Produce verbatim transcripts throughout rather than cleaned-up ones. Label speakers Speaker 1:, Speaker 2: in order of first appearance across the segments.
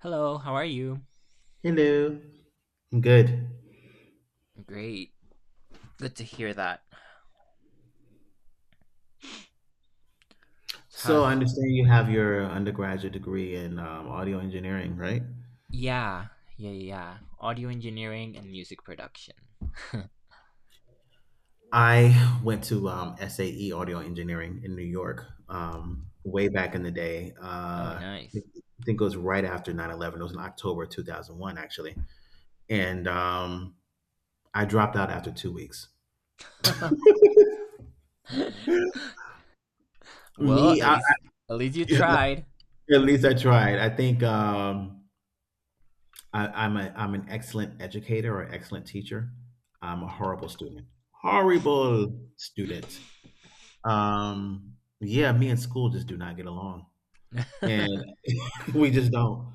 Speaker 1: Hello, how are you?
Speaker 2: Hello. I'm good.
Speaker 1: Great. Good to hear that. So
Speaker 2: So I
Speaker 1: how's
Speaker 2: understand you have your undergraduate degree in um, audio engineering, right?
Speaker 1: Yeah, yeah, yeah. Audio engineering and music production.
Speaker 2: I went to um, S A E Audio Engineering in New York um, way back in the day.
Speaker 1: Oh,
Speaker 2: Uh, I
Speaker 1: nice.
Speaker 2: think I think it was right after nine eleven. It was in October two thousand one, actually. And um, I dropped out after two weeks.
Speaker 1: Well,
Speaker 2: Me,
Speaker 1: at
Speaker 2: I,
Speaker 1: least at least you tried.
Speaker 2: at least I tried. I think um, I, I'm a I'm an excellent educator or excellent teacher. I'm a horrible student. Horrible
Speaker 1: Yeah,
Speaker 2: student. Um, yeah, me and school just do not get along, and we just don't.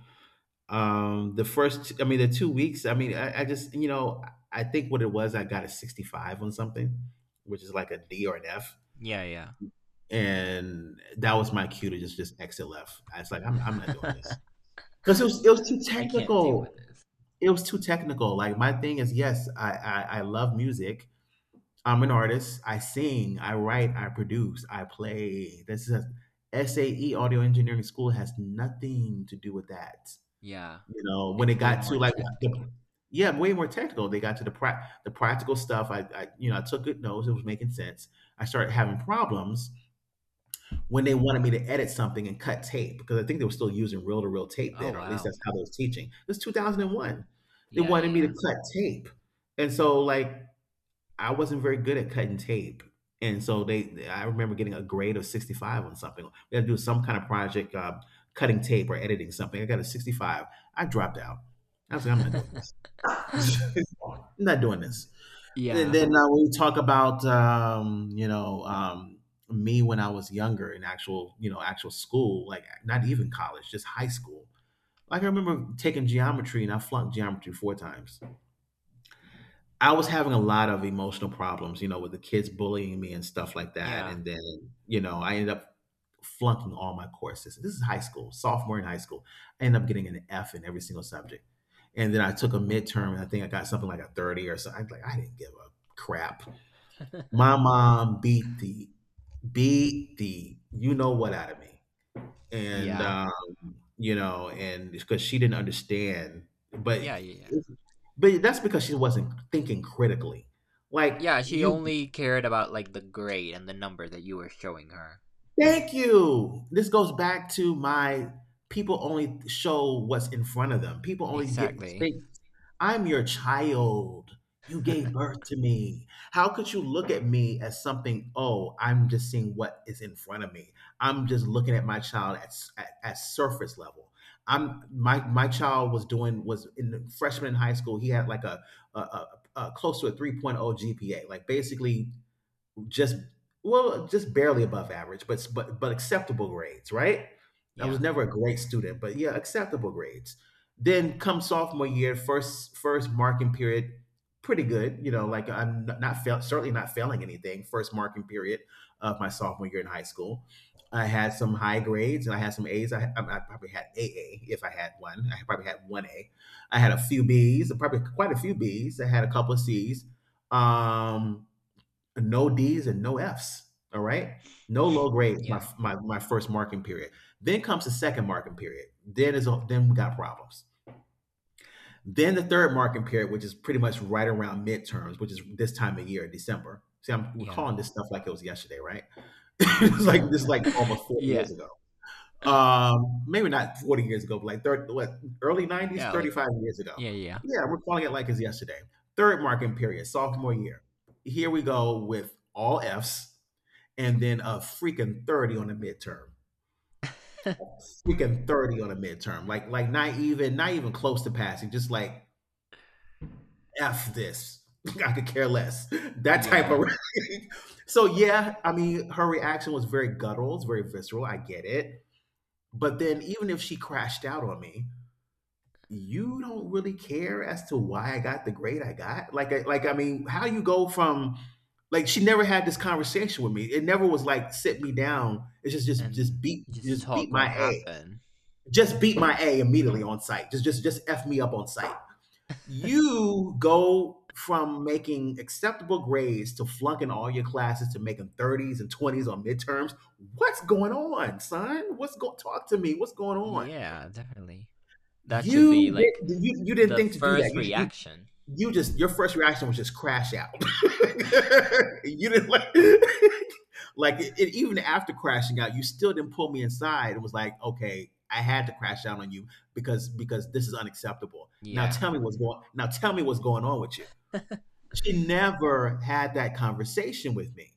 Speaker 2: Um, the first, I mean, the two weeks. I mean, I, I just you know, I think what it was, I got a sixty-five on something, which is like a D or an F,
Speaker 1: yeah.
Speaker 2: and that was my cue to just just exit left. I was like, I'm I'm not doing this because it was it was too
Speaker 1: I can't deal with
Speaker 2: technical.
Speaker 1: this.
Speaker 2: It was too technical. Like my thing is, yes, I, I I love music. I'm an artist. I sing, I write, I produce, I play. This is S A E Audio Engineering School has nothing to do with that.
Speaker 1: Yeah.
Speaker 2: You know, when
Speaker 1: It's
Speaker 2: it
Speaker 1: way
Speaker 2: got
Speaker 1: more
Speaker 2: to like
Speaker 1: technical.
Speaker 2: the yeah, way more technical. They got to the pra- the practical stuff. I, I you know I took good notes. It was making sense. I started having problems when they wanted me to edit something and cut tape because I think they were still using reel to reel tape
Speaker 1: Oh,
Speaker 2: then, or at least
Speaker 1: wow.
Speaker 2: that's how they was teaching. It was two thousand one. They
Speaker 1: Yeah,
Speaker 2: wanted me to
Speaker 1: yeah,
Speaker 2: cut tape, and so like I wasn't very good at cutting tape, and so they I remember getting a grade of sixty-five on something. We had to do some kind of project, uh, cutting tape or editing something. I got a sixty-five. I dropped out. I was like, I'm not doing
Speaker 1: yeah.
Speaker 2: this. I'm not doing this. And
Speaker 1: Yeah.
Speaker 2: then uh, we talk about um, you know um, me when I was younger in actual you know actual school, like not even college, just high school. Like I remember taking geometry and I flunked geometry four times. I was having a lot of emotional problems, you know, with the kids bullying me and stuff like that.
Speaker 1: Yeah.
Speaker 2: And then you know I ended up flunking all my courses. This is high school, sophomore in high school. I ended up getting an F in every single subject. And then I took a midterm and I think I got something like a thirty or something. I Like I didn't give a crap.
Speaker 1: Yeah.
Speaker 2: My mom beat the beat the you know what out of me, and
Speaker 1: Yeah.
Speaker 2: uh, you know, and because she didn't understand, but
Speaker 1: Yeah, yeah, yeah.
Speaker 2: but that's because she wasn't thinking critically. Like
Speaker 1: Yeah, she
Speaker 2: you
Speaker 1: only cared about, like, the grade and the number that you were showing her.
Speaker 2: Thank you. This goes back to my people only show what's in front of them. People only get
Speaker 1: Exactly.
Speaker 2: things. I'm your child. You gave birth to me. How could you look at me as something? Oh, I'm just seeing what is in front of me. I'm just looking at my child at, s- at, at surface level. I'm my my child was doing was in the freshman in high school. He had like a, a, a, a close to a 3.0 G P A. Like basically just well, just barely above average, but but but acceptable grades, right? I was
Speaker 1: Yeah.
Speaker 2: never a great student, but yeah, acceptable grades. Then come sophomore year, first first marking period, pretty good. You know, like I'm not, not fail, certainly not failing anything. First marking period of my sophomore year in high school, I had some high grades and I had some A's. I, I, I probably had A A if I had one. I probably had one A. I had a few B's, probably quite a few B's. I had a couple of C's. Um, no D's and no F's. All right. No low grades. My,
Speaker 1: Yeah.
Speaker 2: my my first marking period. Then comes the second marking period. Then is then we got problems. Then the third marking period, which is pretty much right around midterms, which is this time of year, December. See, I'm
Speaker 1: Yeah.
Speaker 2: recalling this stuff like it was yesterday, right? It's like this is like almost four
Speaker 1: Yeah.
Speaker 2: years ago. Um, maybe not forty years ago, but like thirty, what, early nineties,
Speaker 1: Yeah. Like,
Speaker 2: thirty-five years ago.
Speaker 1: yeah. Yeah.
Speaker 2: Yeah, we're calling it like it's yesterday. Third marking period, sophomore year. Here we go with all Fs and then a freaking thirty on the midterm. A freaking thirty on the midterm. Like like not even not even close to passing, just like F this. I could care less. That type of
Speaker 1: Yeah.
Speaker 2: so yeah, I mean her reaction was very guttural, it's very visceral. I get it. But then even if she crashed out on me, you don't really care as to why I got the grade I got. Like, I, like I mean, how you go from like she never had this conversation with me. It never was like sit me down. It's just just
Speaker 1: And
Speaker 2: just beat
Speaker 1: just
Speaker 2: just beat
Speaker 1: talk what
Speaker 2: my A.
Speaker 1: happened.
Speaker 2: Just beat my A immediately on site. Just just just f me up on site. You go from making acceptable grades to flunking all your classes to making thirties and twenties on midterms. What's going on, son? What's going talk to me? What's going on?
Speaker 1: Yeah, definitely. That should be
Speaker 2: You
Speaker 1: like
Speaker 2: did you you didn't
Speaker 1: the
Speaker 2: think to do that.
Speaker 1: first
Speaker 2: You
Speaker 1: reaction.
Speaker 2: you just your first reaction was just crash out. You didn't like like it, it- even after crashing out, you still didn't pull me inside It was like, okay, I had to crash out on you because because this is unacceptable. Now
Speaker 1: Yeah.
Speaker 2: tell me what's going now tell me what's going on with you. She never had that conversation with me.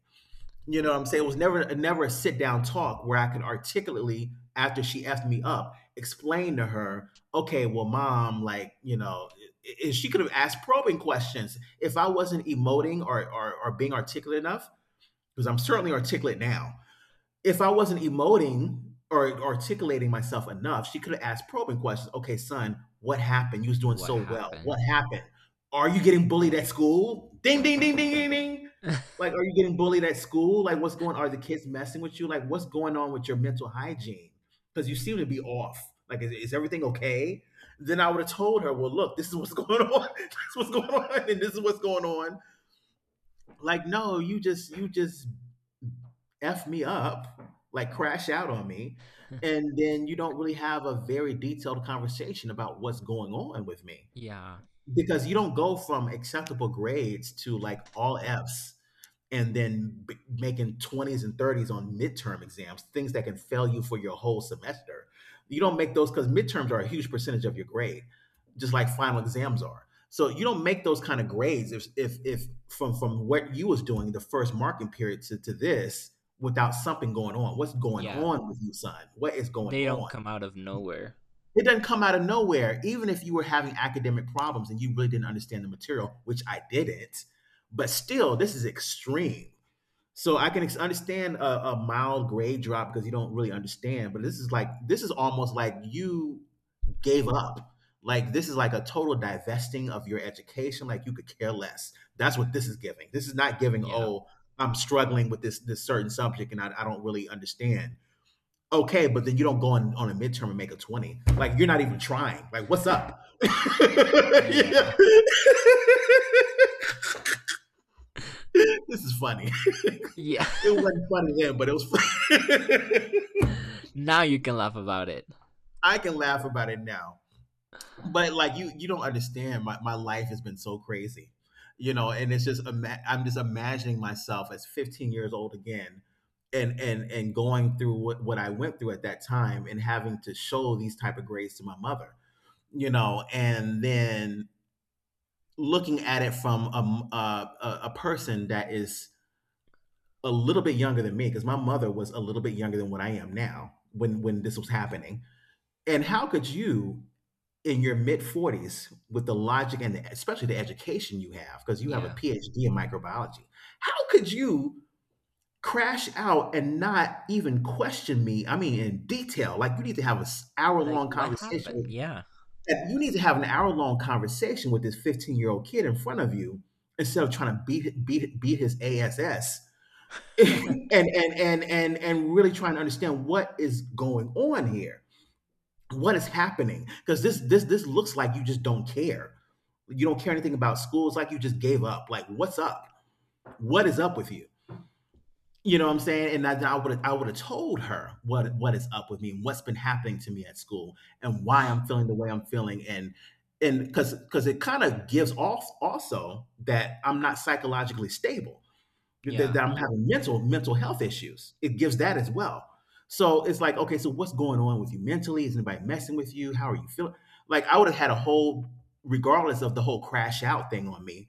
Speaker 2: You know what I'm saying? It was never never a sit down talk where I could articulately, after she effed me up, explain to her, okay, well, mom, like, you know, i- i- she could have asked probing questions if I wasn't emoting or or, or being articulate enough, because I'm certainly articulate now if I wasn't emoting or articulating myself enough, she could have asked probing questions. Okay, son, what happened? You was doing
Speaker 1: What
Speaker 2: so well.
Speaker 1: happened?
Speaker 2: What happened? Are you getting bullied at school? Ding, ding, ding, ding, ding, ding. Like, are you getting bullied at school? Like, what's going? On? Are the kids messing with you? Like, what's going on with your mental hygiene? Because you seem to be off. Like, is, is everything okay? Then I would have told her, well, look, this is what's going on. This is what's going on, and this is what's going on. Like, no, you just you just F me up, like crash out on me. And then you don't really have a very detailed conversation about what's going on with me
Speaker 1: Yeah.
Speaker 2: because you don't go from acceptable grades to like all F's and then b- making twenties and thirties on midterm exams, things that can fail you for your whole semester. You don't make those because midterms are a huge percentage of your grade, just like final exams are. So you don't make those kind of grades if if if from from what you was doing the first marking period to, to this without something going on. What's going
Speaker 1: Yeah.
Speaker 2: on with you, son? What is going
Speaker 1: They don't
Speaker 2: on?
Speaker 1: come out of nowhere.
Speaker 2: It doesn't come out of nowhere. Even if you were having academic problems and you really didn't understand the material, which I didn't, but still, this is extreme so I can ex- understand a, a mild grade drop because you don't really understand, but this is like this is almost like you gave up. Like this is like a total divesting of your education. Like you could care less. That's what this is giving. This is not giving.
Speaker 1: Yeah.
Speaker 2: Oh, I'm struggling with this this certain subject and I, I don't really understand. Okay, but then you don't go on, on a midterm and make a twenty. Like you're not even trying. Like what's up? Yeah.
Speaker 1: Yeah.
Speaker 2: This is funny. It
Speaker 1: Yeah.
Speaker 2: wasn't funny then, but it was funny.
Speaker 1: Now you can laugh about it.
Speaker 2: I can laugh about it now. But like you you don't understand my, my life has been so crazy. You know, and it's just ima- I'm just imagining myself as fifteen years old again and and and going through what, what I went through at that time and having to show these type of grades to my mother. You know, and then looking at it from a m- a, a a person that is a little bit younger than me because my mother was a little bit younger than what I am now when when this was happening. And how could you in your mid forties with the logic and the, especially the education you have because you have a
Speaker 1: Yeah.
Speaker 2: P H D in microbiology. How could you crash out and not even question me? I mean, in detail. Like, you need to have an hour
Speaker 1: Like,
Speaker 2: long
Speaker 1: what
Speaker 2: conversation
Speaker 1: happened?
Speaker 2: with
Speaker 1: Yeah.
Speaker 2: you need to have an hour long conversation with this fifteen year old kid in front of you instead of trying to beat beat beat his ass and and and and and really trying to understand what is going on here, what is happening, because this this this looks like you just don't care. You don't care anything about school. It's like you just gave up. Like, what's up? What is up with you? You know what I'm saying? And i would i would have told her what what is up with me and what's been happening to me at school and why I'm feeling the way I'm feeling, and and because because it kind of gives off also that I'm not psychologically stable, that,
Speaker 1: Yeah.
Speaker 2: that I'm having mental mental health issues. It gives that as well. So it's like, okay, so what's going on with you mentally? Is anybody messing with you? How are you feeling? Like, I would have had a whole, regardless of the whole crash out thing on me,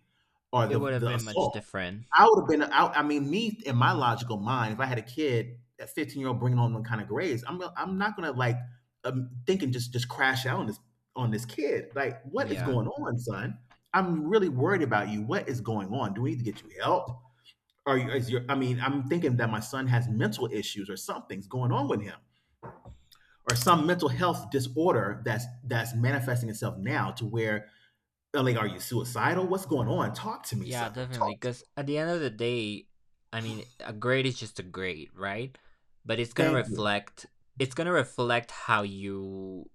Speaker 2: or
Speaker 1: It
Speaker 2: the
Speaker 1: would have
Speaker 2: the
Speaker 1: been much
Speaker 2: assault.
Speaker 1: different.
Speaker 2: I would have been out. I mean, me in my logical mind, if I had a kid, a fifteen year old bringing on them kind of grades, I'm gonna- I'm not gonna, like, um, thinking, just just crash out on this on this kid. Like, what is
Speaker 1: Yeah.
Speaker 2: going on, son? I'm really worried about you. What is going on? Do we need to get you help? Or is your, I mean, I'm thinking that my son has mental issues or something's going on with him or some mental health disorder that's that's manifesting itself now to where uh, like, are you suicidal? What's going on? Talk to me,
Speaker 1: Yeah,
Speaker 2: son.
Speaker 1: definitely.
Speaker 2: Talk to
Speaker 1: Because at the end of the day, I mean, a grade is just a grade, right? But it's
Speaker 2: me.
Speaker 1: gonna
Speaker 2: Thank you.
Speaker 1: reflect. It's gonna reflect how you,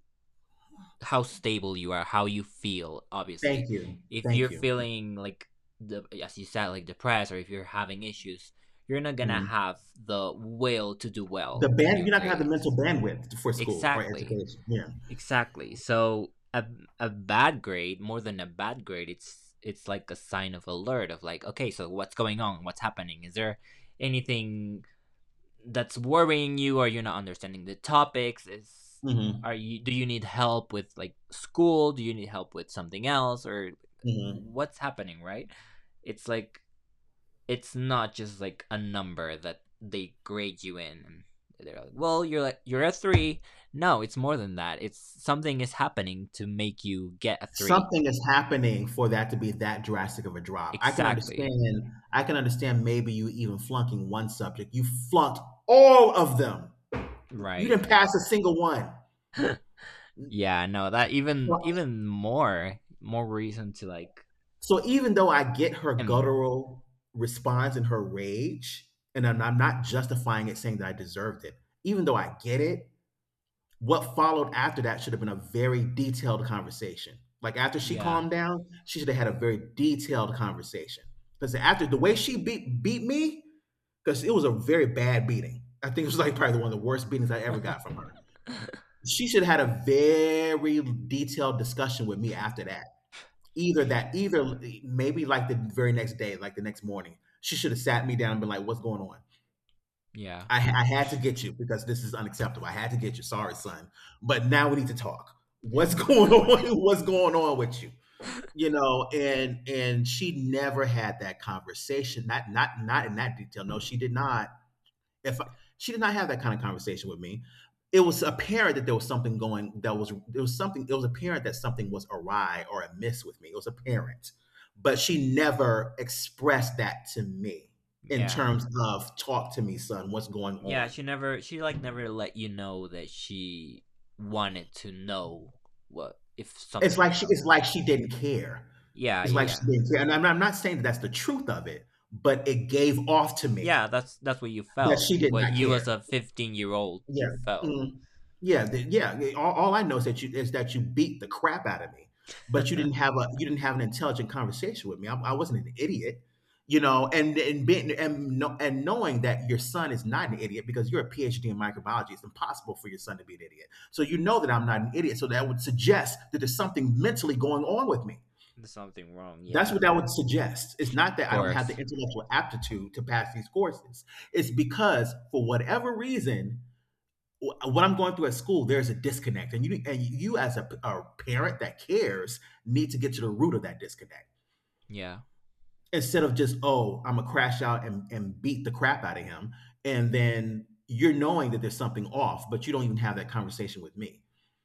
Speaker 1: how stable you are, how you feel.
Speaker 2: Thank
Speaker 1: Obviously,
Speaker 2: you.
Speaker 1: if you're
Speaker 2: Thank you.
Speaker 1: feeling like, the, as you said, like, depressed, or if you're having issues, you're not gonna
Speaker 2: Mm.
Speaker 1: have the will to do
Speaker 2: The
Speaker 1: well in
Speaker 2: band,
Speaker 1: your
Speaker 2: you're not gonna have the mental
Speaker 1: grades.
Speaker 2: bandwidth for school or
Speaker 1: Exactly.
Speaker 2: education. Yeah.
Speaker 1: Exactly. So a a bad grade, more than a bad grade, it's it's like a sign of alert of, like, okay, so what's going on? What's happening? Is there anything that's worrying you? Are you not understanding the topics? Is are
Speaker 2: Hmm.
Speaker 1: you do you need help with, like, school? Do you need help with something else, or
Speaker 2: Hmm.
Speaker 1: what's happening, right? It's like it's not just like a number that they grade you in, and they're like, well, you're like you're a three. No, it's more than that. It's something is happening to make you get a three.
Speaker 2: Something is happening for that to be that drastic of a drop. I can understand.
Speaker 1: Exactly.
Speaker 2: I can understand maybe you even flunking one subject. You flunked all of them. You
Speaker 1: Right.
Speaker 2: didn't pass a single one.
Speaker 1: Yeah, no, that, even
Speaker 2: So,
Speaker 1: even more more reason to, like.
Speaker 2: so even though I get her
Speaker 1: And
Speaker 2: guttural response and her rage, and I'm, I'm not justifying it, saying that I deserved it. Even though I get it, what followed after that should have been a very detailed conversation. Like, after she
Speaker 1: yeah,
Speaker 2: calmed down, she should have had a very detailed conversation. Because after the way she beat beat me, because it was a very bad beating. I think it was like probably one of the worst beatings I ever got from her. She should have had a very detailed discussion with me after that. Either that, either maybe like the very next day, like the next morning, she should have sat me down and been like, "What's going on?
Speaker 1: yeah,
Speaker 2: I, I had to get you because this is unacceptable. I had to get you. Sorry, son. But now we need to talk. What's going on? What's going on with you?" You know, and and she never had that conversation. Not not not in that detail. No, she did not. If I, she did not have that kind of conversation with me, it was apparent that there was something going. That was, it was something. It was apparent that something was awry or amiss with me. It was apparent, but she never expressed that to me in
Speaker 1: yeah.
Speaker 2: terms of talk to me, son. What's going
Speaker 1: Yeah,
Speaker 2: on?
Speaker 1: she never she like never let you know that she wanted to know what, if
Speaker 2: It's
Speaker 1: something
Speaker 2: like
Speaker 1: was
Speaker 2: she,
Speaker 1: going
Speaker 2: it's
Speaker 1: on.
Speaker 2: like she didn't care.
Speaker 1: Yeah,
Speaker 2: It's
Speaker 1: yeah,
Speaker 2: like
Speaker 1: yeah.
Speaker 2: she didn't care. And I'm I'm not saying that that's the truth of it, but it gave off to me
Speaker 1: Yeah, that's that's what you
Speaker 2: that
Speaker 1: felt.
Speaker 2: she did
Speaker 1: What
Speaker 2: not
Speaker 1: you,
Speaker 2: care.
Speaker 1: as a fifteen year old, you
Speaker 2: Yeah.
Speaker 1: felt.
Speaker 2: Mhm. Yeah, the yeah, all all I know is that you is that you beat the crap out of me, but you didn't have a you didn't have an intelligent conversation with me. I I wasn't an idiot, you know, and and being and kno and knowing that your son is not an idiot, because you're a PhD in microbiology, it's impossible for your son to be an idiot. So you know that I'm not an idiot, so that would suggest that there's something mentally going on with me.
Speaker 1: There's something wrong, yeah.
Speaker 2: That's
Speaker 1: Of
Speaker 2: what that would suggest. It's not that I don't have the
Speaker 1: course.
Speaker 2: intellectual aptitude to pass these courses. It's because for whatever reason, wh- what I'm going through at school, there's a disconnect, and you and you as a, a parent that cares need to get to the root of that disconnect
Speaker 1: Yeah.
Speaker 2: instead of just, oh, I'm gonna crash out and, and beat the crap out of him, and then you're knowing that there's something off, but you don't even have that conversation with me,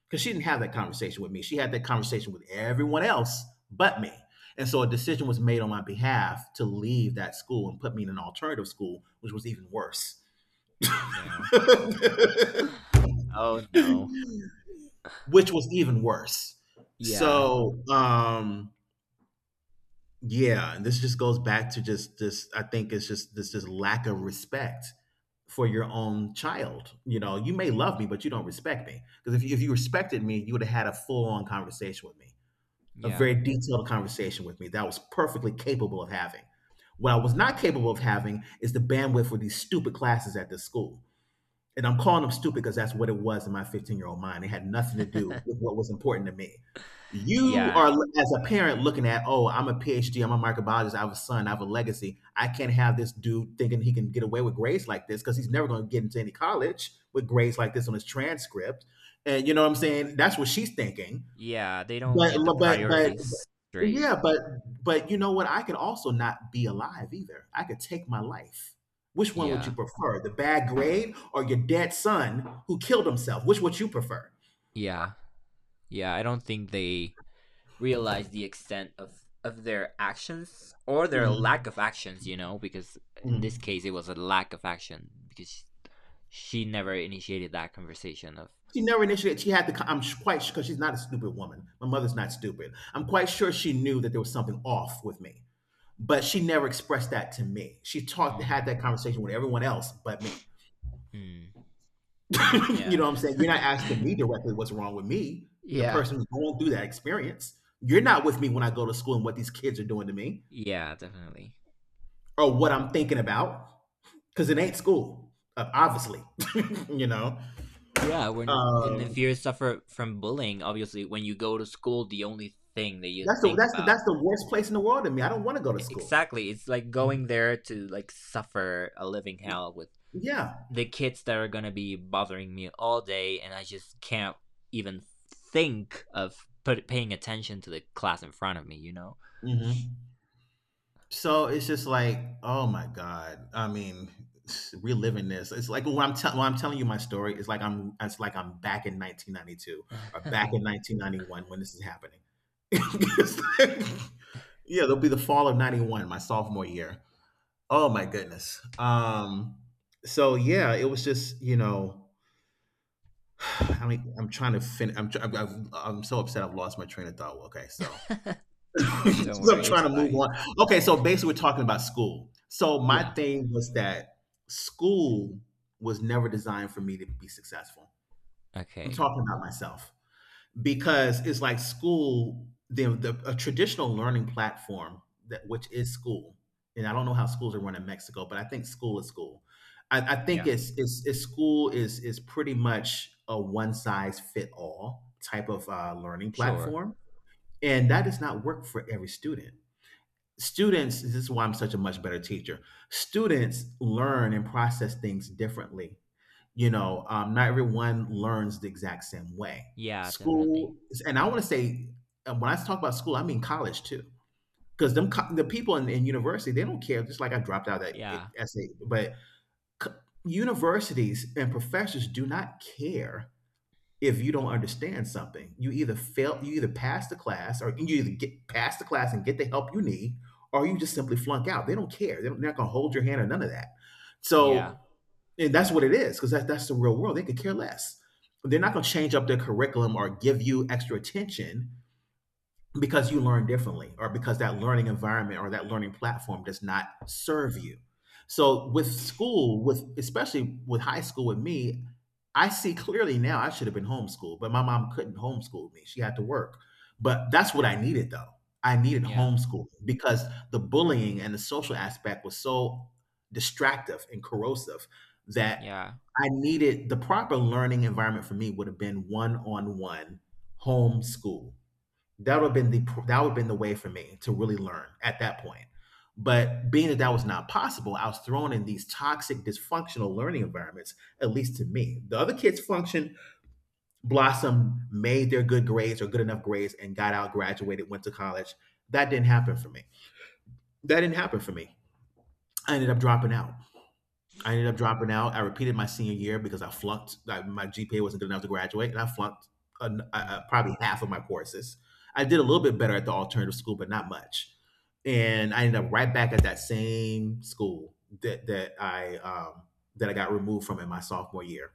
Speaker 2: because she didn't have that conversation with me. She had that conversation with everyone else but me, and so a decision was made on my behalf to leave that school and put me in an alternative school, which was even worse.
Speaker 1: Yeah. Oh, no.
Speaker 2: Which was even worse.
Speaker 1: Yeah.
Speaker 2: So um yeah, and this just goes back to just this. I think it's just this just lack of respect for your own child. You know, you may love me, but you don't respect me. Because if you, if you respected me, you would have had a full on conversation with me, a
Speaker 1: Yeah.
Speaker 2: very detailed conversation with me that I was perfectly capable of having. What I was not capable of having is the bandwidth for these stupid classes at this school, and I'm calling them stupid because that's what it was in my fifteen year old mind. It had nothing to do with what was important to me. You
Speaker 1: Yeah.
Speaker 2: are, as a parent, looking at, oh, I'm a PhD, I'm a microbiologist, I have a son, I have a legacy. I can't have this dude thinking he can get away with grades like this, because he's never going to get into any college with grades like this on his transcript. And you know what I'm saying? That's what she's thinking.
Speaker 1: Yeah. They don't
Speaker 2: But
Speaker 1: get the
Speaker 2: but but
Speaker 1: priorities straight.
Speaker 2: yeah, but but you know what? I could also not be alive either. I could take my life. Which one would you
Speaker 1: Yeah.
Speaker 2: prefer? The bad grade or your dead son who killed himself? Which would you prefer?
Speaker 1: Yeah. Yeah. I don't think they realize the extent of of their actions, or their lack
Speaker 2: Mhm.
Speaker 1: of actions, you know, because in this
Speaker 2: Mhm.
Speaker 1: case it was a lack of action because she never initiated that conversation of
Speaker 2: She never initiated. She had the. Con- I'm sh- quite sure, because she's not a stupid woman. My mother's not stupid. I'm quite sure she knew that there was something off with me, but she never expressed that to me. She talked, had
Speaker 1: mm,
Speaker 2: that conversation with everyone else but me.
Speaker 1: Mm.
Speaker 2: You
Speaker 1: Yeah.
Speaker 2: know what I'm saying? You're not asking me directly what's wrong with me, the
Speaker 1: Yeah.
Speaker 2: person who's going through that experience. You're not with me when I go to school and what these kids are doing to me
Speaker 1: Yeah, definitely.
Speaker 2: or what I'm thinking about, because it ain't school, uh, obviously. You know,
Speaker 1: Yeah, when and if you
Speaker 2: um,
Speaker 1: suffer from bullying, obviously when you go to school, the only thing that you
Speaker 2: that's the
Speaker 1: think
Speaker 2: that's the
Speaker 1: about.
Speaker 2: that's the worst place in the world to me. I don't want to go to
Speaker 1: e-,
Speaker 2: school.
Speaker 1: exactly it's like going there to, like, suffer a living hell with
Speaker 2: Yeah.
Speaker 1: the kids that are gonna be bothering me all day, and I just can't even think of, put, paying attention to the class in front of me. You know.
Speaker 2: Hmm. So it's just like, oh my god! I mean, reliving this. It's like when I'm tell when I'm telling you my story. It's like I'm, it's like I'm back in nineteen ninety-two or back in nineteen ninety-one when this is happening. It's like- yeah, there'll be the fall of 'ninety-one, my sophomore year. Oh my goodness. Um. So yeah, it was just, you know, I mean, I'm trying to finish. I'm tr- I'm, I'm I'm so upset. I've lost my train of thought. Well, okay, so,
Speaker 1: Don't
Speaker 2: 'cause I'm
Speaker 1: worry, it's
Speaker 2: trying to move
Speaker 1: fine.
Speaker 2: on. Okay, so basically, we're talking about school. So my
Speaker 1: Yeah.
Speaker 2: thing was that school was never designed for me to be successful. I'm
Speaker 1: Okay.
Speaker 2: talking about myself, because it's like school, the, the a traditional learning platform that, which is school, and I don't know how schools are run in Mexico, but I think school is school. I, I think
Speaker 1: Yeah.
Speaker 2: it's, it's it's school is is pretty much a one size fit all type of uh, learning
Speaker 1: Sure.
Speaker 2: platform, and that does not work for every student, students, this is why I'm such a much better teacher. Students learn and process things differently, you know. Um, not everyone learns the exact same way,
Speaker 1: Yeah, definitely.
Speaker 2: school, and I want to say, uh, when I talk about school, I mean college too, because them co- the people in, in university, they don't care. Just like I dropped out of that, eh,
Speaker 1: Yeah.
Speaker 2: essay, but c- universities and professors do not care if you don't understand something. You either fail, you either pass the class, or you either get past the class and get the help you need, or you just simply flunk out. They don't care. They don't, they're not going to hold your hand or none of that.
Speaker 1: Yeah.
Speaker 2: So, and that's what it is, because that, that's the real world. They could care less. They're not going to change up their curriculum or give you extra attention because you learn differently or because that learning environment or that learning platform does not serve you. So with school, with especially with high school, with me, I see clearly now I should have been homeschooled, but my mom couldn't homeschool me, she had to work. But that's what I needed though. I needed
Speaker 1: Yeah.
Speaker 2: homeschooling because the bullying and the social aspect was so distractive and corrosive that
Speaker 1: Yeah.
Speaker 2: I needed the proper learning environment. For me would have been one-on-one homeschool. That would have been the that would have been the way for me to really learn at that point. But being that that was not possible, I was thrown in these toxic dysfunctional learning environments. At least to me, the other kids functioned, blossomed, made their good grades or good enough grades, and got out, graduated, went to college. That didn't happen for me. That didn't happen for me. I ended up dropping out. I ended up dropping out. I repeated my senior year because I flunked. Like, my G P A wasn't good enough to graduate, and I flunked uh, uh,
Speaker 1: Mm.
Speaker 2: probably half of my courses. I did a little bit better at the alternative school, but not much. And I ended up right back at that same school that that I um, that I got removed from in my sophomore year.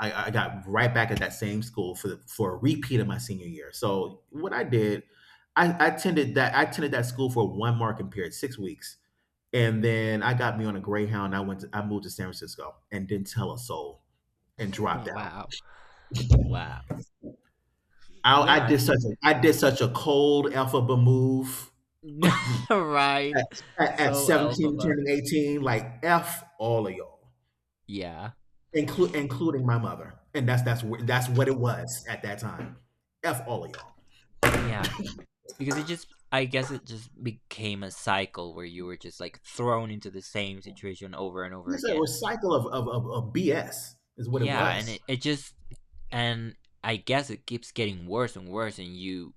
Speaker 2: I, I got right back at that same school for the, for a repeat of my senior year. So what I did, I, I attended that I attended that school for a one marking period, six weeks, and then I got me on a Greyhound. And I went. To, I moved to San Francisco and didn't tell a soul and dropped out.
Speaker 1: Wow. Wow.
Speaker 2: I,
Speaker 1: Yeah,
Speaker 2: I
Speaker 1: I
Speaker 2: did
Speaker 1: mean,
Speaker 2: such. A, I did such a cold alphabet move
Speaker 1: right.
Speaker 2: at, at, at
Speaker 1: So,
Speaker 2: seventeen,
Speaker 1: Elphaba.
Speaker 2: turning eighteen. Like f all of y'all,
Speaker 1: Yeah.
Speaker 2: inclu- including my mother. And that's that's wh- that's what it was at that time. F all of y'all.
Speaker 1: Yeah. Because it just I guess it just became a cycle where you were just, like, thrown into the same situation over and over
Speaker 2: It's a
Speaker 1: again.
Speaker 2: recycle of of, of, of B S is what it
Speaker 1: Yeah, and it,
Speaker 2: was.
Speaker 1: it just and I guess it keeps getting worse and worse, and you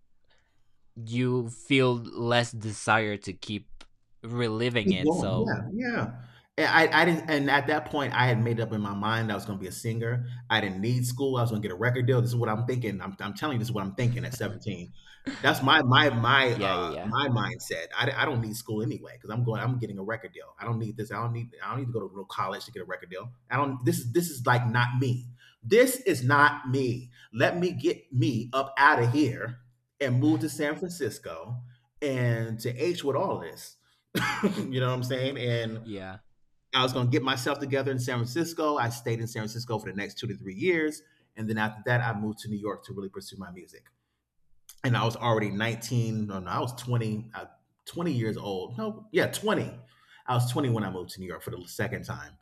Speaker 1: you feel less desire to keep reliving
Speaker 2: Keep
Speaker 1: it,
Speaker 2: going.
Speaker 1: so
Speaker 2: Yeah, yeah. And I, I didn't, and at that point, I had made up in my mind I was going to be a singer. I didn't need school. I was going to get a record deal. This is what I'm thinking. I'm, I'm telling you, this is what I'm thinking at seventeen. That's my my my
Speaker 1: yeah, yeah,
Speaker 2: uh
Speaker 1: yeah.
Speaker 2: my mindset. I, I don't need school anyway because I'm going. I'm getting a record deal. I don't need this. I don't need. I don't need to go to real college to get a record deal. I don't. This is this is like not me. This is not me. Let me get me up out of here and move to San Francisco and to H with all of this. You know what I'm saying? And
Speaker 1: Yeah.
Speaker 2: I was going to get myself together in San Francisco. I stayed in San Francisco for the next two to three years. And then after that, I moved to New York to really pursue my music. And I was already nineteen. No, no, I was twenty, uh, twenty years old. No, yeah, twenty. I was twenty when I moved to New York for the second time.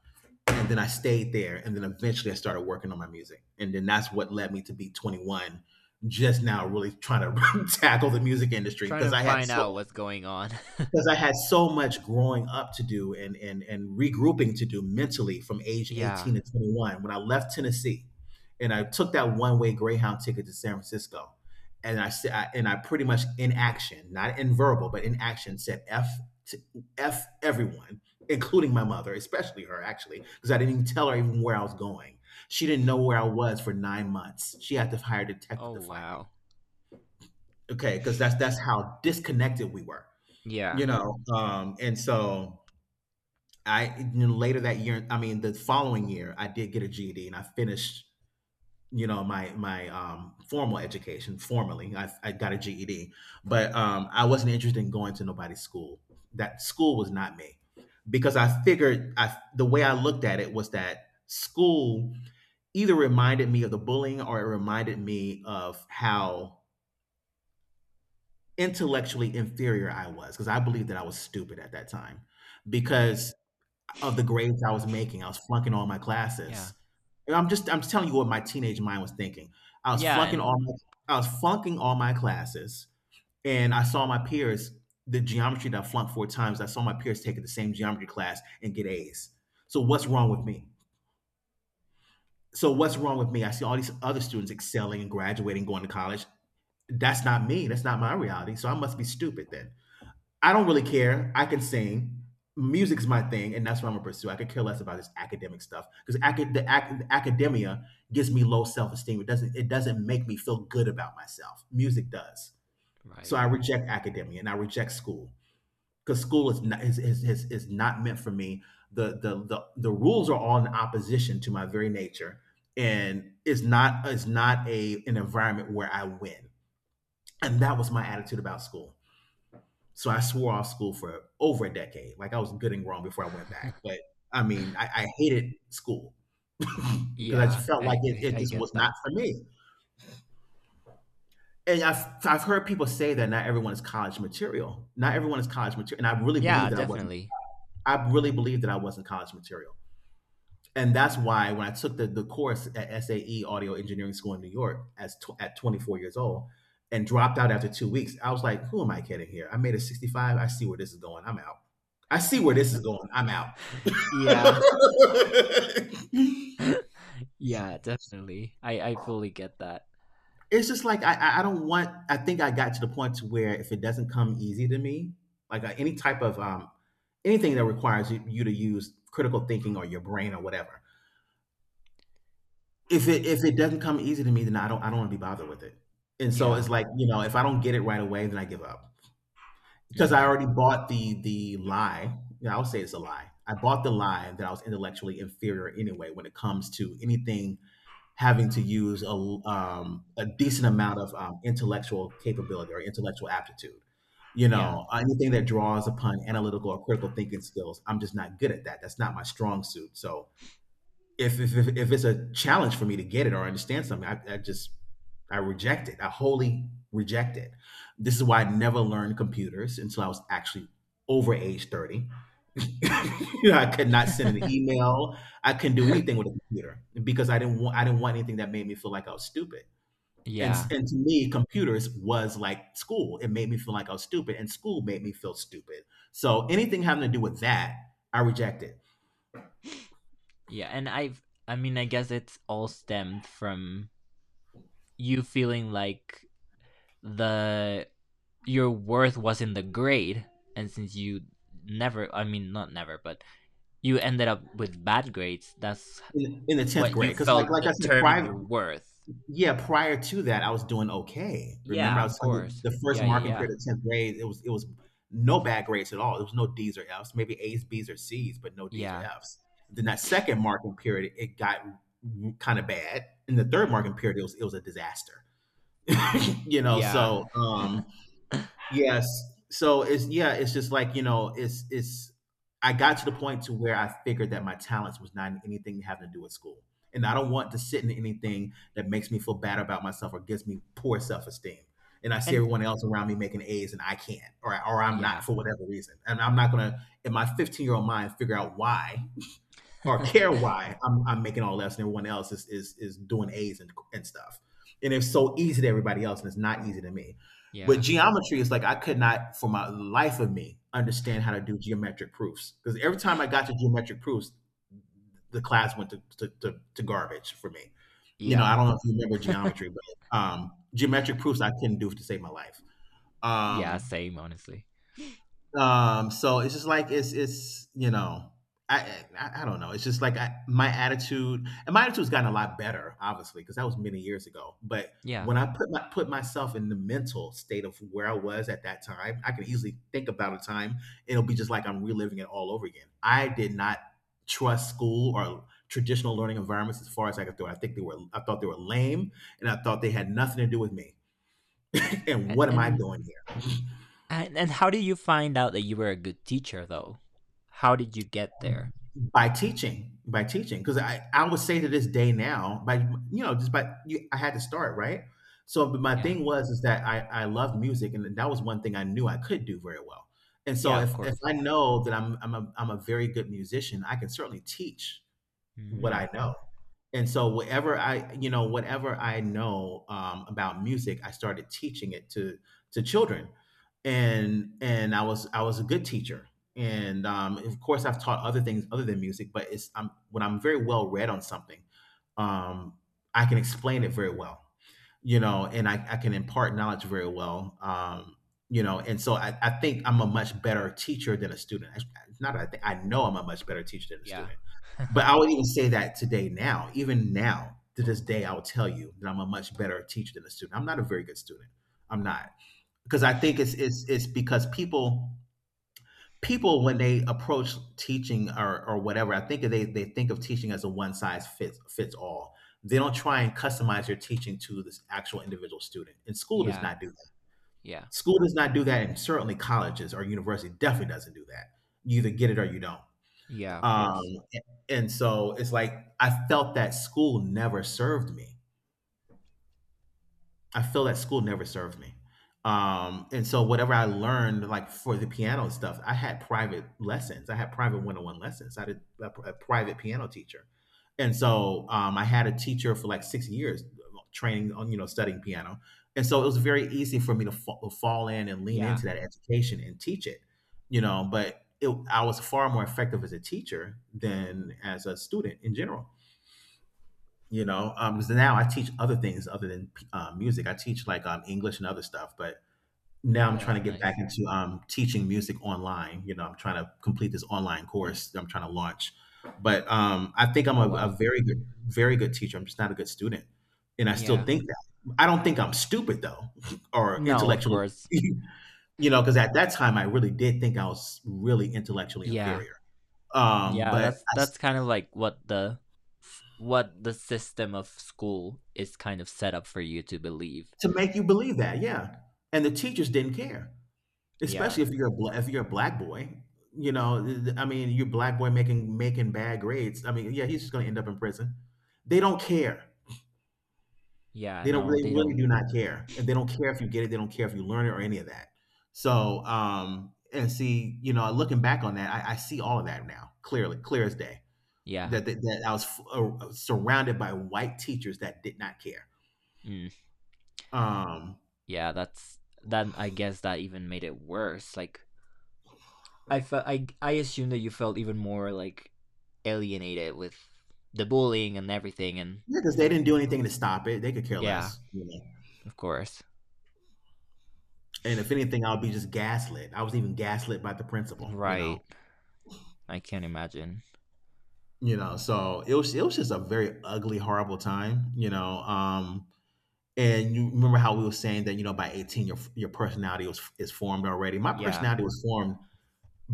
Speaker 2: And then I stayed there. And then eventually I started working on my music. And then that's what led me to be twenty-one, just now really trying to tackle the music industry
Speaker 1: Trying
Speaker 2: because
Speaker 1: to
Speaker 2: I had
Speaker 1: find out
Speaker 2: so
Speaker 1: what's going on.
Speaker 2: because I had so much growing up to do and and and regrouping to do mentally from age
Speaker 1: Yeah.
Speaker 2: eighteen to twenty-one when I left Tennessee, and I took that one-way Greyhound ticket to San Francisco. And I said I- and I pretty much, in action, not in verbal, but in action, said F to F everyone, including my mother, especially her actually, because I didn't even tell her even where I was going. She didn't know where I was for nine months. She had to hire a detective
Speaker 1: Oh,
Speaker 2: to find me.
Speaker 1: wow.
Speaker 2: Okay, because that's that's how disconnected we were.
Speaker 1: Yeah.
Speaker 2: You know, um, and so, I and then later that year, I mean, the following year, I did get a G E D and I finished, you know, my my um, formal education formally. I, I got a G E D, but um, I wasn't interested in going to nobody's school. That school was not me because I figured I the way I looked at it was that school either reminded me of the bullying or it reminded me of how intellectually inferior I was because I believed that I was stupid at that time
Speaker 1: Mm.
Speaker 2: because of the grades I was making. I was flunking all my
Speaker 1: Yeah.
Speaker 2: classes. And I'm just I'm just telling you what my teenage mind was thinking. I was
Speaker 1: Yeah,
Speaker 2: flunking
Speaker 1: and
Speaker 2: all my, I was flunking all my classes, and I saw my peers. The geometry that I flunked four times, I saw my peers taking the same geometry class and get A's. So what's wrong with me? So what's wrong with me? I see all these other students excelling and graduating, going to college. That's not me. That's not my reality. So I must be stupid then. I don't really care. I can sing. Music's my thing, and that's what I'm gonna pursue. I could care less about this academic stuff because acad- the, ac- the academia gives me low self esteem. It doesn't. It doesn't make me feel good about myself. Music does. So
Speaker 1: right.
Speaker 2: I reject academia and I reject school because school is not is, is, is, is not meant for me. The, the the the rules are all in opposition to my very nature, and it's not it's not a an environment where I win. And that was my attitude about school. So I swore off school for over a decade. Like, I was good and grown before I went back. But I mean, I, I hated school because I
Speaker 1: Yeah,
Speaker 2: just felt like
Speaker 1: I,
Speaker 2: it,
Speaker 1: I
Speaker 2: it
Speaker 1: I
Speaker 2: just was
Speaker 1: get
Speaker 2: not
Speaker 1: that.
Speaker 2: for me. And I've, I've heard people say that not everyone is college material. Not everyone is college material. And I really
Speaker 1: Yeah,
Speaker 2: believe that I wasn't.
Speaker 1: definitely.
Speaker 2: I really believe that I wasn't college material. And that's why when I took the, the course at S A E Audio Engineering School in New York as tw- at twenty-four years old and dropped out after two weeks, I was like, "Who am I kidding here? I made a sixty-five. I see where this is going. I'm out. I see where this is going. I'm out."
Speaker 1: Yeah. Yeah, definitely. I I fully get that.
Speaker 2: It's just like I- I don't want. I think I got to the point to where if it doesn't come easy to me, like uh, any type of um anything that requires you, you to use critical thinking or your brain or whatever, if it if it doesn't come easy to me, then I don't I don't wanna be bothered with it. And so
Speaker 1: Yeah.
Speaker 2: it's like, you know, if I don't get it right away, then I give up. Because I
Speaker 1: Mm.
Speaker 2: already bought the the lie, you know, I'll say it's a lie. I bought the lie that I was intellectually inferior anyway when it comes to anything having to use a um, a decent amount of, um, intellectual capability or intellectual aptitude. You
Speaker 1: Yeah.
Speaker 2: know, anything that draws upon analytical or critical thinking skills, I'm just not good at that. That's not my strong suit, so if if if, if it's a challenge for me to get it or understand something, I, I just I reject it. I wholly reject it. This is why I never learned computers until I was actually over age thirty. You know, I could not send an email. I couldn't do anything with a computer because I didn't want I didn't want anything that made me feel like I was stupid. And
Speaker 1: Yeah.
Speaker 2: and to me, computers was like school. It made me feel like I was stupid, and school made me feel stupid. So anything having to do with that, I rejected
Speaker 1: Yeah, and I've I mean, I guess it's all stemmed from you feeling like the your worth was in the grade, and since you never, I mean, not never, but you ended up with bad grades. That's
Speaker 2: in, in the tenth
Speaker 1: what you
Speaker 2: grade because like
Speaker 1: felt
Speaker 2: like I said,
Speaker 1: determined
Speaker 2: private.
Speaker 1: your worth.
Speaker 2: Yeah, prior to that, I was doing okay. Remember,
Speaker 1: Yeah,
Speaker 2: I
Speaker 1: of
Speaker 2: was telling you,
Speaker 1: course.
Speaker 2: the
Speaker 1: Yeah,
Speaker 2: first
Speaker 1: yeah,
Speaker 2: marking
Speaker 1: yeah.
Speaker 2: period of tenth grade, it was it was no bad grades at all. There was no D's or F's, maybe A's, B's, or C's, but no D's or
Speaker 1: Yeah.
Speaker 2: F's. Then that second marking period, it got kind of bad. In the third marking period, it was it was a disaster. You know,
Speaker 1: Yeah.
Speaker 2: so um yes. So it's, yeah, it's just like, you know, it's it's I got to the point to where I figured that my talents was not anything having to do with school. And I don't want to sit in anything that makes me feel bad about myself or gives me poor self-esteem. And I see
Speaker 1: And
Speaker 2: everyone else around me making A's and I can't, or or I'm
Speaker 1: yeah.
Speaker 2: not for whatever reason. And I'm not gonna in my fifteen year old mind figure out why or care why I'm, I'm making all less and everyone else is, is, is doing A's and, and stuff. And it's so easy to everybody else and it's not easy to me. But
Speaker 1: Yeah.
Speaker 2: geometry is like I could not, for my life of me, understand how to do geometric proofs. Because every time I got to geometric proofs, the class went to, to, to, to garbage for me. You know,
Speaker 1: Yeah.
Speaker 2: I don't know if you remember geometry, but um, geometric proofs I couldn't do to save my life.
Speaker 1: Yeah,
Speaker 2: Um,
Speaker 1: same, honestly.
Speaker 2: um, so it's just like it's it's you know I I, I don't know. It's just like I, my attitude and my attitude's gotten a lot better, obviously, because that was many years ago. But
Speaker 1: Yeah.
Speaker 2: when I put my put myself in the mental state of where I was at that time, I can easily think about a time. It'll be just like I'm reliving it all over again. I did not trust school or traditional learning environments as far as I could throw. It. I think they were I thought they were lame and I thought they had nothing to do with me. And
Speaker 1: A-
Speaker 2: what am I
Speaker 1: And
Speaker 2: doing here?
Speaker 1: and and how did you find out that you were a good teacher though? How did you get there?
Speaker 2: By teaching, by teaching, because I, I would say to this day now by you know just by you, I had to start right so but my
Speaker 1: Yeah.
Speaker 2: thing was is that i i loved music and that was one thing I knew I could do very well and so
Speaker 1: Yeah, of
Speaker 2: if if
Speaker 1: course.
Speaker 2: I know that i'm i'm a, I'm a very good musician I can certainly teach what
Speaker 1: Mm.
Speaker 2: I know. And so whatever I, you know, whatever I know um, about music, I started teaching it to to children, and and I was I was a good teacher. And um, of course, I've taught other things other than music, but it's I'm, when I'm very well read on something, um, I can explain it very well. You know, and I, I can impart knowledge very well. Um, you know, and so I, I think I'm a much better teacher than a student. I, not I think I know I'm a much better teacher than a
Speaker 1: Yeah.
Speaker 2: student. But I would even say that today, now, even now, to this day, I will tell you that I'm a much better teacher than a student. I'm not a very good student. I'm not because I think it's it's it's because people people, when they approach teaching or or whatever, I think they they think of teaching as a one size fits fits all. They don't try and customize your teaching to this actual individual student. And school does
Speaker 1: Yeah.
Speaker 2: not do that.
Speaker 1: Yeah.
Speaker 2: School does not do that, and certainly colleges or university definitely doesn't do that. You either get it or you don't.
Speaker 1: Yeah, of
Speaker 2: Um,
Speaker 1: course.
Speaker 2: and so it's like, I felt that school never served me. I feel that school never served me. Um, and so whatever I learned, like for the piano stuff, I had private lessons. I had private one-on-one lessons. I had a, a private piano teacher. And so um, I had a teacher for like six years training on, you know, studying piano. And so it was very easy for me to fa- fall in and lean
Speaker 1: Yeah.
Speaker 2: into that education and teach it, you know, but it, I was far more effective as a teacher than as a student in general. You know, um because now I teach other things other than um, music. I teach like um english and other stuff, but now I'm
Speaker 1: Oh, that's
Speaker 2: trying to get back
Speaker 1: nice.
Speaker 2: into um teaching music online. You know, I'm trying to complete this online course that I'm trying to launch, but um I think i'm
Speaker 1: Oh,
Speaker 2: a, a
Speaker 1: wow.
Speaker 2: very good very good teacher. I'm just not a good student, and I still
Speaker 1: Yeah.
Speaker 2: think that I don't think I'm stupid though, or
Speaker 1: No, of
Speaker 2: intellectually
Speaker 1: course.
Speaker 2: you know, because at that time I really did think I was really intellectually
Speaker 1: Yeah.
Speaker 2: inferior. um
Speaker 1: Yeah,
Speaker 2: but
Speaker 1: that's
Speaker 2: I,
Speaker 1: that's kind of like what the what the system of school is kind of set up for you to believe.
Speaker 2: to make you believe that, yeah, and the teachers didn't care.
Speaker 1: Yeah.
Speaker 2: Especially if you're a bla if you're a black boy, you know, th th I mean, you black boy making making bad grades. I mean, yeah, he's just gonna end up in prison. They don't care.
Speaker 1: Yeah,
Speaker 2: They don't
Speaker 1: no,
Speaker 2: really
Speaker 1: they
Speaker 2: really
Speaker 1: don't.
Speaker 2: do not care, and they don't care if you get it. They don't care if you learn it or any of that. So, um, and see, you know, looking back on that, I I see all of that now clearly, clear as day.
Speaker 1: Yeah.
Speaker 2: That that, that I was f uh, surrounded by white teachers that did not care.
Speaker 1: Mm.
Speaker 2: Um,
Speaker 1: Yeah, that's, then I guess that even made it worse. Like, I felt I I assume that you felt even more like alienated with the bullying and everything, and
Speaker 2: yeah, because they didn't do anything to stop it. They could care
Speaker 1: yeah,
Speaker 2: less.
Speaker 1: of course.
Speaker 2: And if anything, I'll be just gaslit. I was even gaslit by the principal, you
Speaker 1: Right.
Speaker 2: know.
Speaker 1: I can't imagine.
Speaker 2: You know, so it was it was just a very ugly, horrible time, you know. Um, and you remember how we were saying that, you know, by eighteen your your personality was is formed already. My
Speaker 1: Yeah.
Speaker 2: personality was formed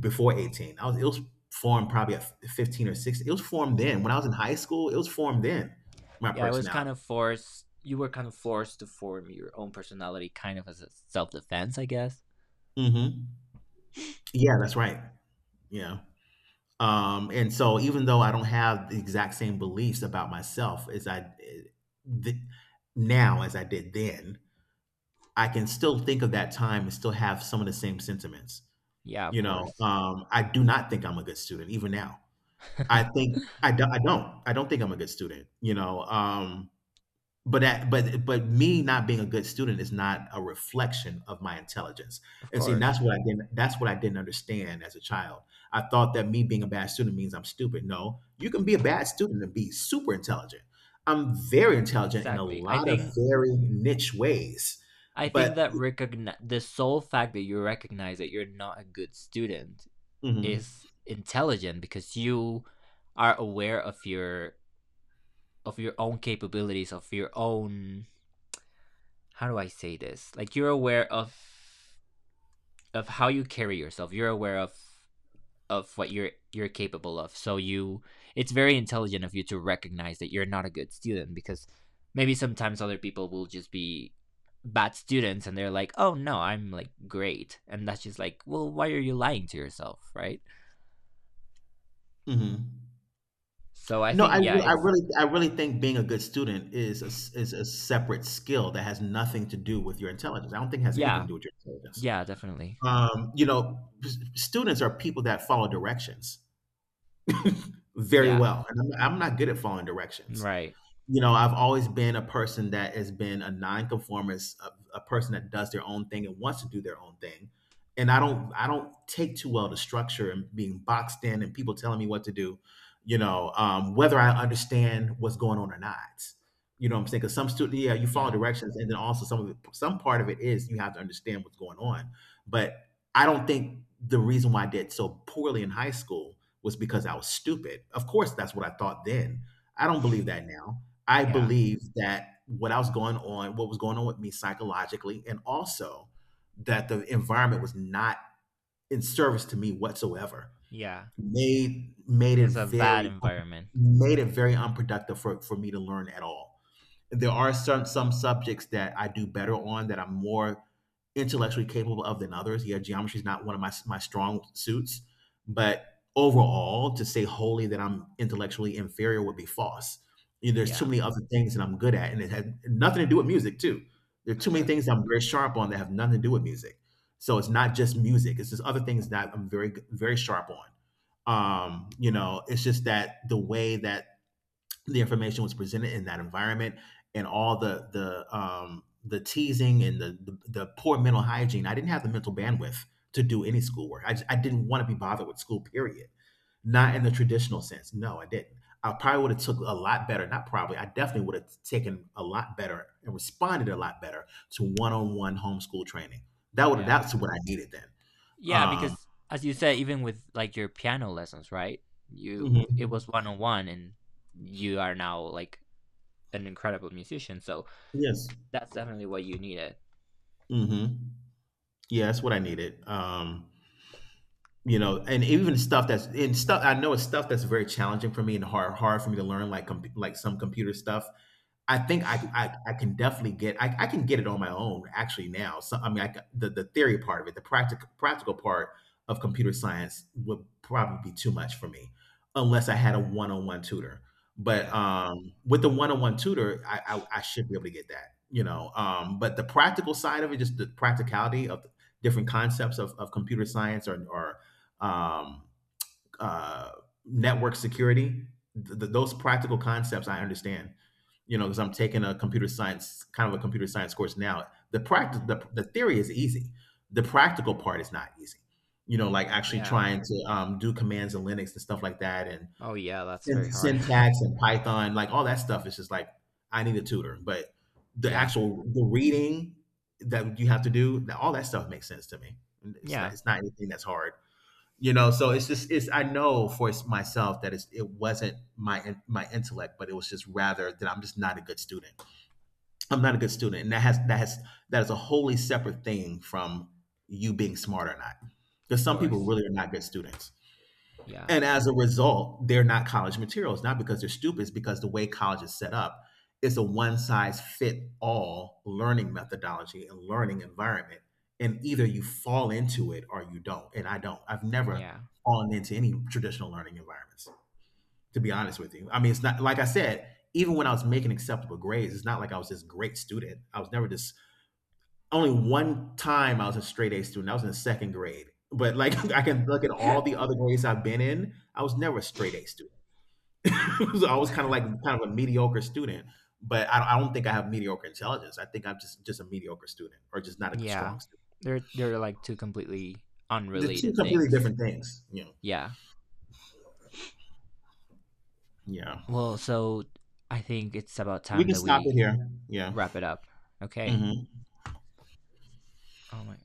Speaker 2: before eighteen. I was it was formed probably at fifteen or sixteen. It was formed
Speaker 1: Yeah.
Speaker 2: then. When I was in high school, it was formed then. My
Speaker 1: Yeah, it was kind
Speaker 2: personality.
Speaker 1: of forced. You were kind of forced to form your own personality, kind of as a self defense, I guess.
Speaker 2: hmm Yeah, that's right. Yeah. Um, and so even though I don't have the exact same beliefs about myself as I th- now as I did then, I can still think of that time and still have some of the same sentiments.
Speaker 1: Yeah, of
Speaker 2: You know,
Speaker 1: course.
Speaker 2: um, I do not think I'm a good student even now. I
Speaker 1: Of
Speaker 2: think I, do, I don't. I don't think I'm a good student. You know, um, but that but but me not being a good student is not a reflection of my intelligence, and see, and
Speaker 1: course,
Speaker 2: that's what I didn't, that's what I didn't understand as a child. I thought that me being a bad student means I'm stupid. No, you can be a bad student and be super intelligent. I'm very intelligent in a
Speaker 1: exactly. I
Speaker 2: lot of
Speaker 1: think
Speaker 2: very niche ways,
Speaker 1: I think
Speaker 2: but
Speaker 1: that recogni- the sole fact that you recognize that you're not a good student
Speaker 2: Mhm.
Speaker 1: is intelligent because you are aware of your of your own capabilities, of your own, how do I say this? Like, you're aware of of how you carry yourself. You're aware of of what you're you're capable of. So you it's very intelligent of you to recognize that you're not a good student, because maybe sometimes other people will just be bad students and they're like, "Oh, no, I'm like great." And that's just like, "Well, why are you lying to yourself?" Right?
Speaker 2: Mhm.
Speaker 1: So I
Speaker 2: No, I
Speaker 1: think, yeah,
Speaker 2: re I
Speaker 1: it's
Speaker 2: really I really think being a good student is a s is a separate skill that has nothing to do with your intelligence. I don't think it has anything to
Speaker 1: yeah.
Speaker 2: do with your intelligence.
Speaker 1: Yeah, definitely.
Speaker 2: Um, you know, s students are people that follow directions very
Speaker 1: Yeah.
Speaker 2: well, and I'm I'm not good at following directions.
Speaker 1: Right.
Speaker 2: You know, I've always been a person that has been a nonconformist, a, a person that does their own thing and wants to do their own thing. And I don't, I don't take too well to structure and being boxed in and people telling me what to do, you know, um, whether I understand what's going on or not. You know what I'm saying? Because some student, yeah, you follow
Speaker 1: Yeah.
Speaker 2: directions, and then also some of it, some part of it is you have to understand what's going on. But I don't think the reason why I did so poorly in high school was because I was stupid. Of course, that's what I thought then. I don't believe that now. I
Speaker 1: Yeah.
Speaker 2: believe that what I was going on, what was going on with me psychologically, and also that the environment was not in service to me whatsoever,
Speaker 1: Yeah.
Speaker 2: made
Speaker 1: It
Speaker 2: made it
Speaker 1: was a bad
Speaker 2: very
Speaker 1: environment.
Speaker 2: made it very unproductive for, for me to learn at all. There are some some subjects that I do better on that I'm more intellectually capable of than others. Yeah, geometry is not one of my my strong suits, but overall, to say wholly that I'm intellectually inferior would be false. You know, there's too
Speaker 1: Yeah.
Speaker 2: many other things that I'm good at, and it had nothing to do with music too. There are too many things that I'm very sharp on that have nothing to do with music. So it's not just music; it's just other things that I'm very very sharp on. Um, you know, it's just that the way that the information was presented in that environment and all the the um the teasing and the the, the poor mental hygiene, I didn't have the mental bandwidth to do any schoolwork. i, just, I didn't want to be bothered with school period, not in the traditional sense, no I didn't. I probably would have took a lot better not probably, I definitely would have taken a lot better and responded a lot better to one-on-one homeschool training. that would
Speaker 1: Yeah.
Speaker 2: that's what I needed then.
Speaker 1: Yeah,
Speaker 2: um
Speaker 1: because as you said, even with, like, your piano lessons, right? You it was
Speaker 2: mhm.
Speaker 1: one on one, and you are now like an incredible musician. So
Speaker 2: Yes.
Speaker 1: that's definitely what you needed.
Speaker 2: Hmm. Yeah, that's what I needed. um you know, and even stuff that's in stuff I know, it's stuff that's very challenging for me and hard hard for me to learn, like com- like some computer stuff. I think I I I can definitely get I I can get it on my own actually now. So I mean, I c the the theory part of it, the practical practical part of computer science would probably be too much for me, unless I had a one-on-one tutor. But
Speaker 1: Yeah.
Speaker 2: um, with the one-on-one tutor, I, I I should be able to get that, you know. Um, but the practical side of it, just the practicality of different concepts of, of computer science or or um, uh, network security, th- th- those practical concepts I understand. You know, because I'm taking a computer science, kind of a computer science course now. The practice,
Speaker 1: Hmm.
Speaker 2: the, the theory is easy. The practical part is not easy. You know, like actually
Speaker 1: Yeah.
Speaker 2: trying to um, do commands in Linux and stuff like that, and
Speaker 1: Oh, yeah, that's very
Speaker 2: syn-
Speaker 1: hard.
Speaker 2: syntax and Python, like all that stuff is just like I need a tutor. But the
Speaker 1: Yeah.
Speaker 2: actual the reading that you have to do, that all that stuff makes sense to me. And it's not,
Speaker 1: Yeah.
Speaker 2: it's not anything that's hard. You know, so it's just it's I know for myself that it's, it wasn't my in- my intellect, but it was just rather that I'm just not a good student. I'm not a good student, and that has that has that is a wholly separate thing from you being smart or not. Because
Speaker 1: Of
Speaker 2: some people
Speaker 1: course.
Speaker 2: really are not good students,
Speaker 1: Yeah.
Speaker 2: and as a result, they're not college materials. Not because they're stupid, it's because the way college is set up is a one size fit all learning methodology and learning environment, and either you fall into it or you don't. And I don't. I've never
Speaker 1: Yeah.
Speaker 2: fallen into any traditional learning environments, to be honest with you. I mean, it's not like I said, even when I was making acceptable grades, it's not like I was this great student. I was never this only one time I was a straight A student. I was in the second grade. But like I can look at all the other grades I've been in, I was never a straight A student. I was always kind of like kind of a mediocre student. But I, I don't think I have mediocre intelligence. I think I'm just just a mediocre student or just not a
Speaker 1: Yeah.
Speaker 2: strong student.
Speaker 1: They're they're like two completely
Speaker 2: They're two
Speaker 1: unrelated
Speaker 2: completely
Speaker 1: things.
Speaker 2: different things. You know.
Speaker 1: Yeah.
Speaker 2: Yeah.
Speaker 1: Well, so I think it's about
Speaker 2: We
Speaker 1: time
Speaker 2: can
Speaker 1: that
Speaker 2: stop it
Speaker 1: we
Speaker 2: here. Yeah.
Speaker 1: wrap it up. Okay.
Speaker 2: Hmm.
Speaker 1: Oh my